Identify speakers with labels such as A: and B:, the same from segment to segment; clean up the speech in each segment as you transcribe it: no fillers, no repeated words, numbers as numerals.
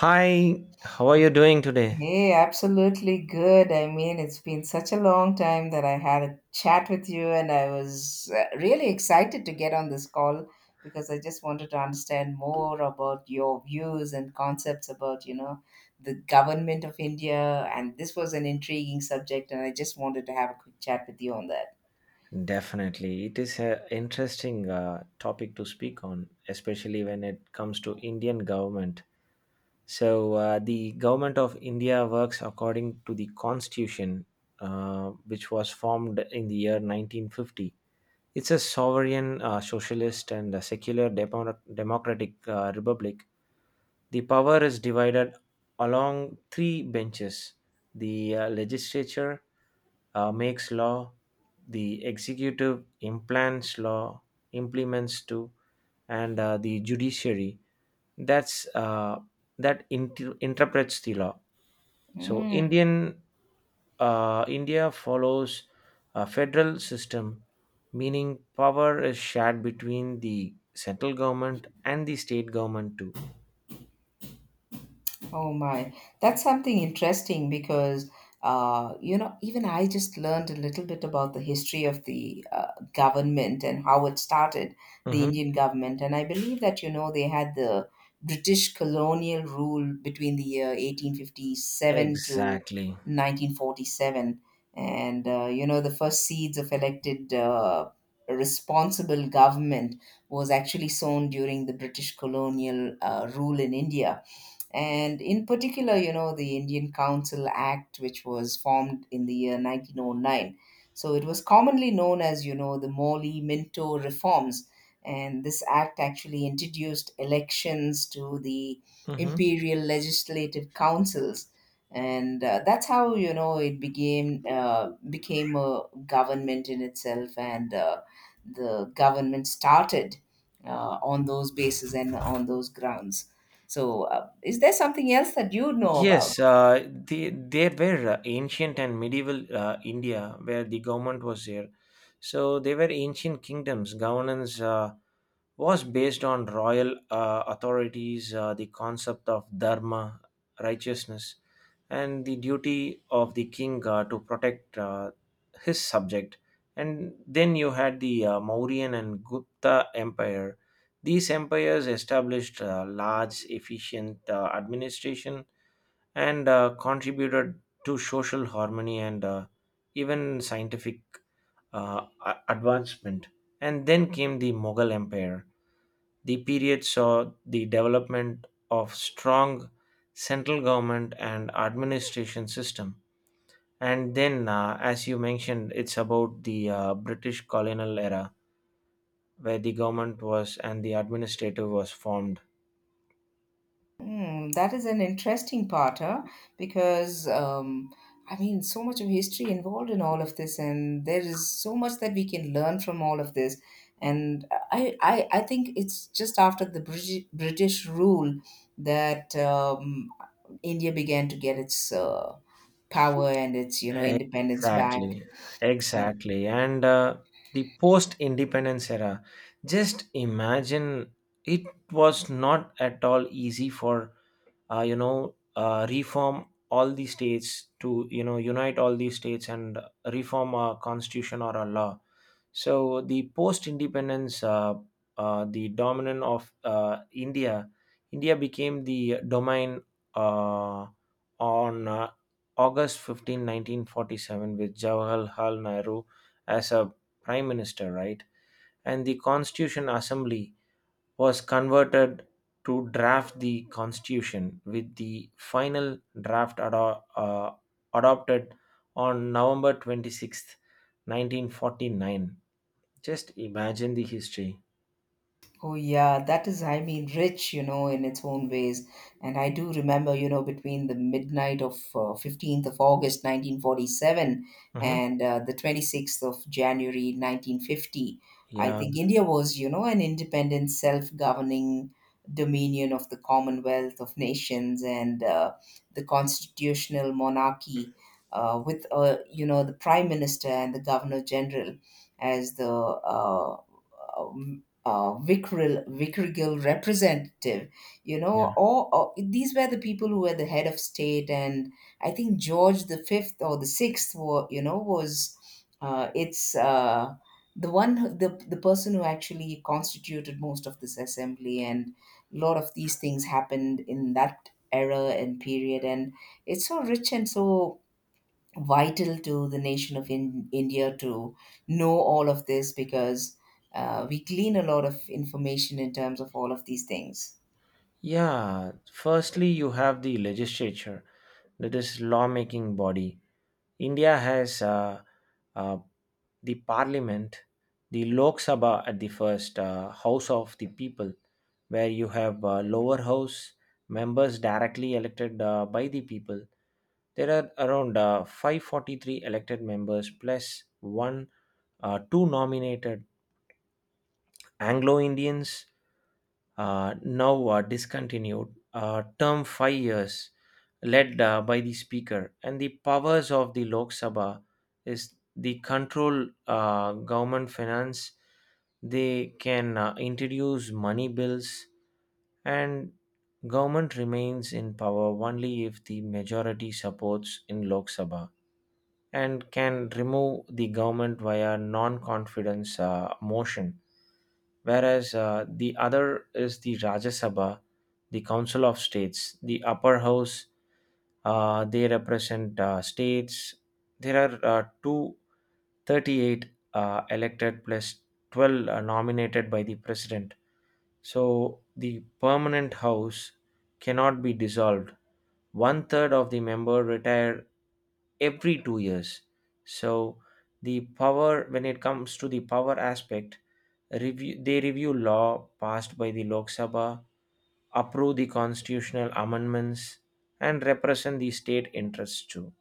A: Hi, how are you doing today?
B: Hey, absolutely good. I mean, it's been such a long time that I had a chat with you, and I was really excited to get on this call because I just wanted to understand more about your views and concepts about, the government of India. And this was an intriguing subject, and I just wanted to have a quick chat with you on that.
A: Definitely. It is an interesting topic to speak on, especially when it comes to Indian government. So the government of India works according to the constitution, which was formed in the year 1950. It's a sovereign, socialist, and a secular democratic republic. The power is divided along three benches: the legislature makes law, the executive implants law, implements to, and the judiciary that's uh, that interprets the law. So
B: Hmm.
A: India follows a federal system, meaning power is shared between the central government and the state government too.
B: Oh my, that's something interesting because you know, even I just learned a little bit about the history of the government and how it started, the
A: Mhm.
B: Indian government, and I believe that you know they had the British colonial rule between the year 1857 to
A: Exactly.
B: 1947, and you know, the first seeds of elected responsible government was actually sown during the British colonial rule in India, and in particular, you know, the Indian Council Act, which was formed in the year 1909. So it was commonly known as, you know, the Morley Minto reforms. And this act actually introduced elections to the
A: Mhm.
B: imperial legislative councils. And that's how, you know, it became, became a government in itself. And the government started on those bases and on those grounds. So, is there something else that you know about?
A: Yes, they were ancient and medieval India where the government was there. So they were ancient kingdoms. Governance was based on royal authorities, the concept of dharma, righteousness, and the duty of the king to protect his subject. And then you had the Mauryan and Gupta empire. These empires established large, efficient administration and contributed to social harmony and even scientific advancement. And then came the Mughal Empire. The period saw the development of strong central government and administration system. And then, as you mentioned, it's about the British colonial era where the government was and the administrative was formed.
B: Hmm, that is an interesting part, huh? Because I mean, so much of history involved in all of this, and there is so much that we can learn from all of this. And I think it's just after the British rule that India began to get its power and its, you know, independence back.
A: Exactly, exactly. And the post independence era, just imagine it was not at all easy for you know reform all the states to you know unite all these states and reform a constitution or a law. So the post independence the dominant of india became the domain uh, on august 15 1947 with jawaharlal nehru as a prime minister, right? And the constitution assembly was converted to draft the constitution, with the final draft adopted on November 26th, 1949. Just imagine the history.
B: Oh yeah, that is, I mean, rich, you know, in its own ways. And I do remember, you know, between the midnight of 15th of August 1947
A: Mhm.
B: and the 26th of January 1950, I
A: Yeah,
B: think India was, you know, an independent, self-governing dominion of the Commonwealth of Nations, and the constitutional monarchy with, you know, the Prime Minister and the Governor General as the vicarial representative, you
A: yeah.
B: know, or these were the people who were the head of state, and I think George the fifth or the sixth, were, you know, was it's the the person who actually constituted most of this assembly, and a lot of these things happened in that era and period, and it's so rich and so vital to the nation of India to know all of this because we glean a lot of information in terms of all of these things.
A: Yeah, firstly, you have the legislature, that is lawmaking body. India has uh, the parliament, the Lok Sabha at the first house of the people, where you have lower house members directly elected by the people. There are around 543 elected members plus one, two nominated Anglo Indians, now discontinued, term 5 years, led by the Speaker. And the powers of the Lok Sabha is the control government finance. They can introduce money bills, and government remains in power only if the majority supports in Lok Sabha and can remove the government via non-confidence motion. Whereas the other is the Rajya Sabha, the Council of States, the upper house. They represent states. There are 238 elected plus 12 nominated by the president. So the permanent house cannot be dissolved. One third of the member retire every 2 years. So the power, when it comes to the power aspect, review they review law passed by the Lok Sabha, approve the constitutional amendments, and represent the state interests too.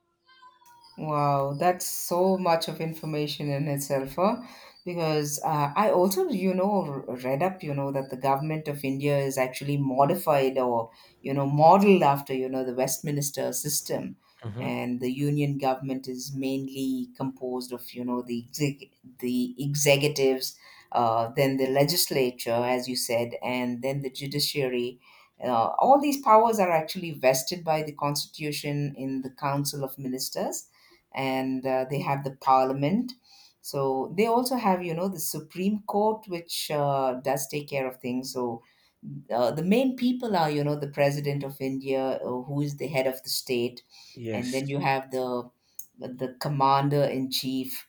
B: Wow, that's so much of information in itself, huh? Because I also, you know, read up, you know, that the government of India is actually modified or, you know, modeled after, you know, the Westminster system.
A: Hmm.
B: And the union government is mainly composed of, you know, the the executives, then the legislature, as you said, and then the judiciary. All these powers are actually vested by the constitution in the Council of Ministers, and they have the parliament. So they also have, you know, the Supreme Court, which does take care of things. So the main people are, you know, the president of India, who is the head of the state, and
A: Yes.
B: then you have the commander in chief,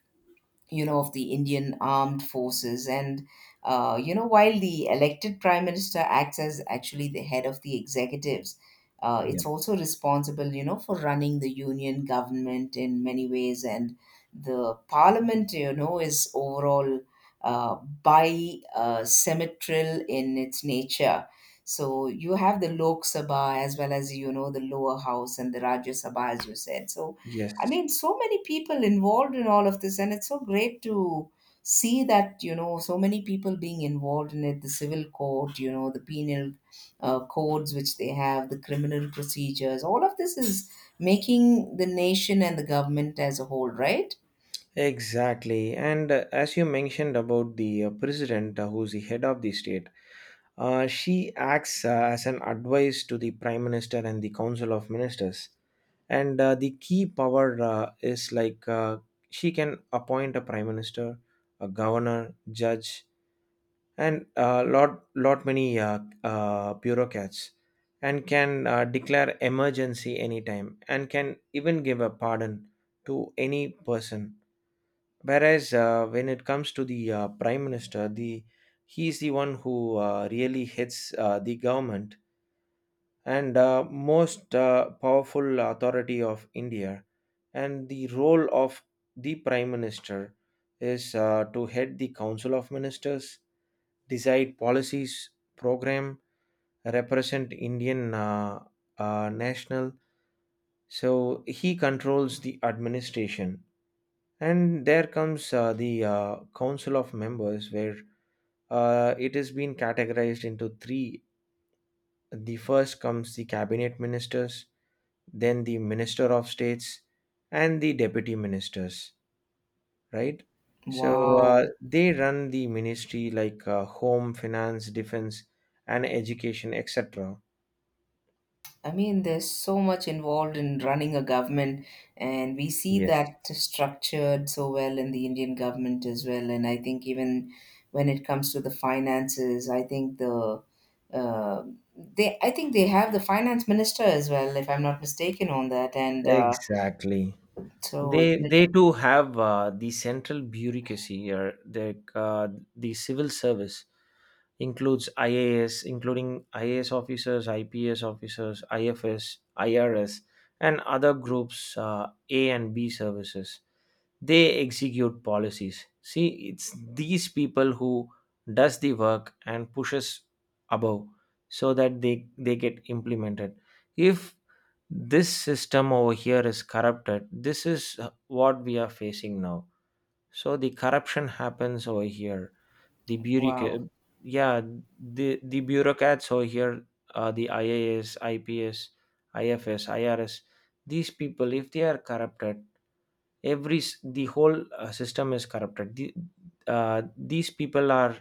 B: you know, of the Indian armed forces. And, you know, while the elected prime minister acts as actually the head of the executives,
A: Yeah.
B: it's also responsible, you know, for running the union government in many ways. And the parliament, you know, is overall uh, bi symmetrical in its nature. So you have the Lok Sabha as well as, you know, the lower house and the Rajya Sabha, as you said. So I
A: Yes.
B: mean, so many people involved in all of this, and it's so great to see that you know so many people being involved in it. The civil court, you know, the penal codes which they have, the criminal procedures. All of this is making the nation and the government as a whole, right?
A: Exactly. And as you mentioned about the president, who's the head of the state, she acts as an advice to the prime minister and the council of ministers. And the key power is like she can appoint a prime minister, a governor, judge, and lot lot many bureaucrats, and can declare emergency anytime and can even give a pardon to any person. Whereas when it comes to the prime minister, the he is the one who really hits the government, and most powerful authority of India. And the role of the Prime Minister is to head the Council of Ministers, decide policies, program, represent Indian national. So he controls the administration. And there comes the Council of Members, where it has been categorized into three. The first comes the cabinet ministers, then the minister of states and the deputy ministers, right? So
B: Wow.
A: they run the ministry like home, finance, defense, and education, etc.
B: I mean, there's so much involved in running a government, and we see
A: Yes,
B: that structured so well in the Indian government as well. And I think even when it comes to the finances, I think the uh, they I think they have the finance minister as well, if I'm not mistaken on that. And
A: exactly,
B: so,
A: they too have the central bureaucracy or the civil service includes IAS, including IAS officers, IPS officers, IFS, IRS, and other groups, A and B services. They execute policies. See, it's these people who does the work and pushes above so that they get implemented. If this system over here is corrupted, this is what we are facing now. So the corruption happens over here, the bureaucrat.
B: wow.
A: Yeah, the bureaucrats over here, the IAS, IPS, IFS, irs, these people, if they are corrupted, the whole system is corrupted. These people are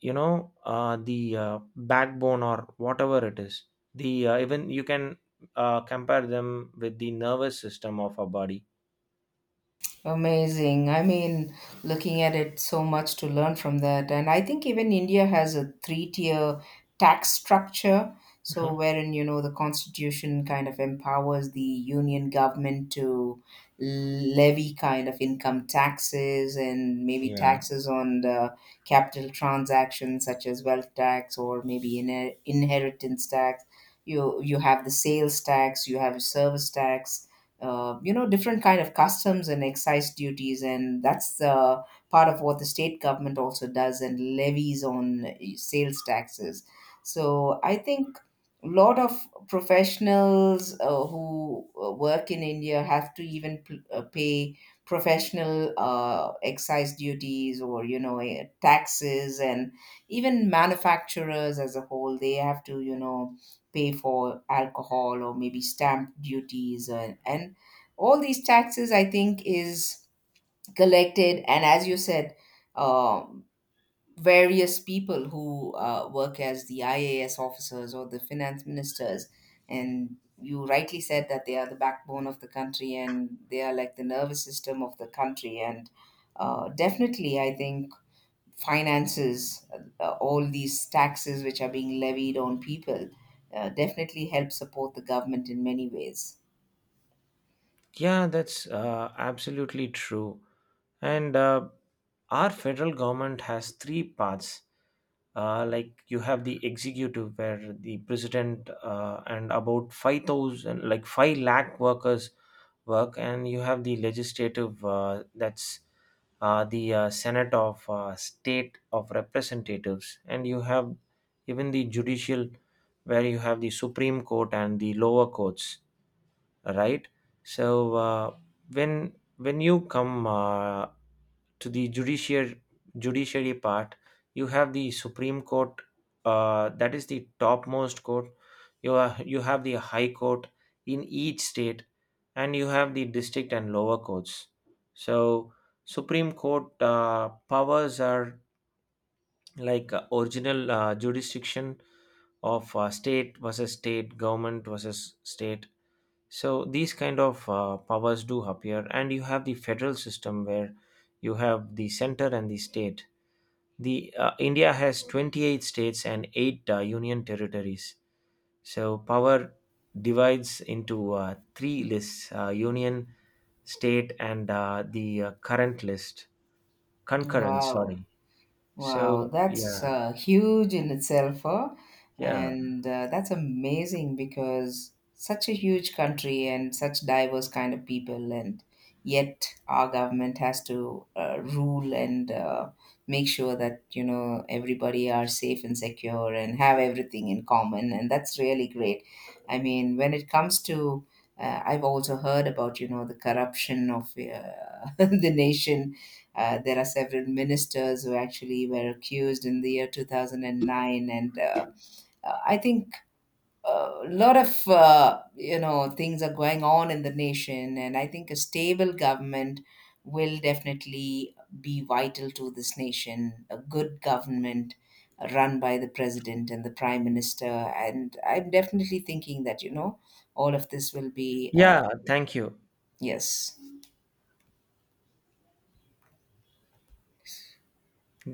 A: you know the backbone or whatever it is. The even you can compare them with the nervous system of our body.
B: Amazing. I mean, looking at it, so much to learn from that. And I think even India has a three-tier tax structure. So,
A: Mhm.
B: wherein, you know, the constitution kind of empowers the union government to levy kind of income taxes and maybe
A: Yeah,
B: taxes on the capital transactions such as wealth tax or maybe inheritance tax. You have the sales tax, you have service tax, you know, different kind of customs and excise duties, and that's part of what the state government also does and levies on sales taxes. So I think a lot of professionals who work in India have to even pay professional excise duties or you know taxes, and even manufacturers as a whole, they have to you know pay for alcohol or maybe stamp duties, and all these taxes I think is collected, and as you said, um, various people who work as the IAS officers or the finance ministers, and you rightly said that they are the backbone of the country and they are like the nervous system of the country. And definitely I think finances, all these taxes which are being levied on people, definitely help support the government in many ways.
A: yeah, that's absolutely true. And our federal government has three parts. Like you have the executive where the president and about 5000 like 5 lakh workers work, and you have the legislative that's the senate of state of representatives, and you have even the judicial where you have the supreme court and the lower courts, right? So when you come to the judiciary part, you have the Supreme Court, that is the topmost court. You have the High Court in each state, and you have the district and lower courts. So Supreme Court powers are like original jurisdiction of state versus state, government versus state. So these kind of powers do appear, and you have the federal system where you have the center and the state. The india has 28 states and 8 union territories. So power divides into three lists: union, state, and the current list, concurrent,
B: Wow.
A: sorry.
B: Wow,
A: So
B: that's
A: yeah.
B: huge in itself.
A: Yeah,
B: And That's amazing because such a huge country and such diverse kind of people, and yet our government has to rule and make sure that you know everybody are safe and secure and have everything in common, and that's really great. I mean, when it comes to I've also heard about you know the corruption of the nation. There are several ministers who actually were accused in the year 2009, and I think a lot of you know things are going on in the nation, and I think a stable government will definitely be vital to this nation. A good government run by the president and the prime minister, and I'm definitely thinking that you know all of this will be
A: yeah, thank you.
B: yes.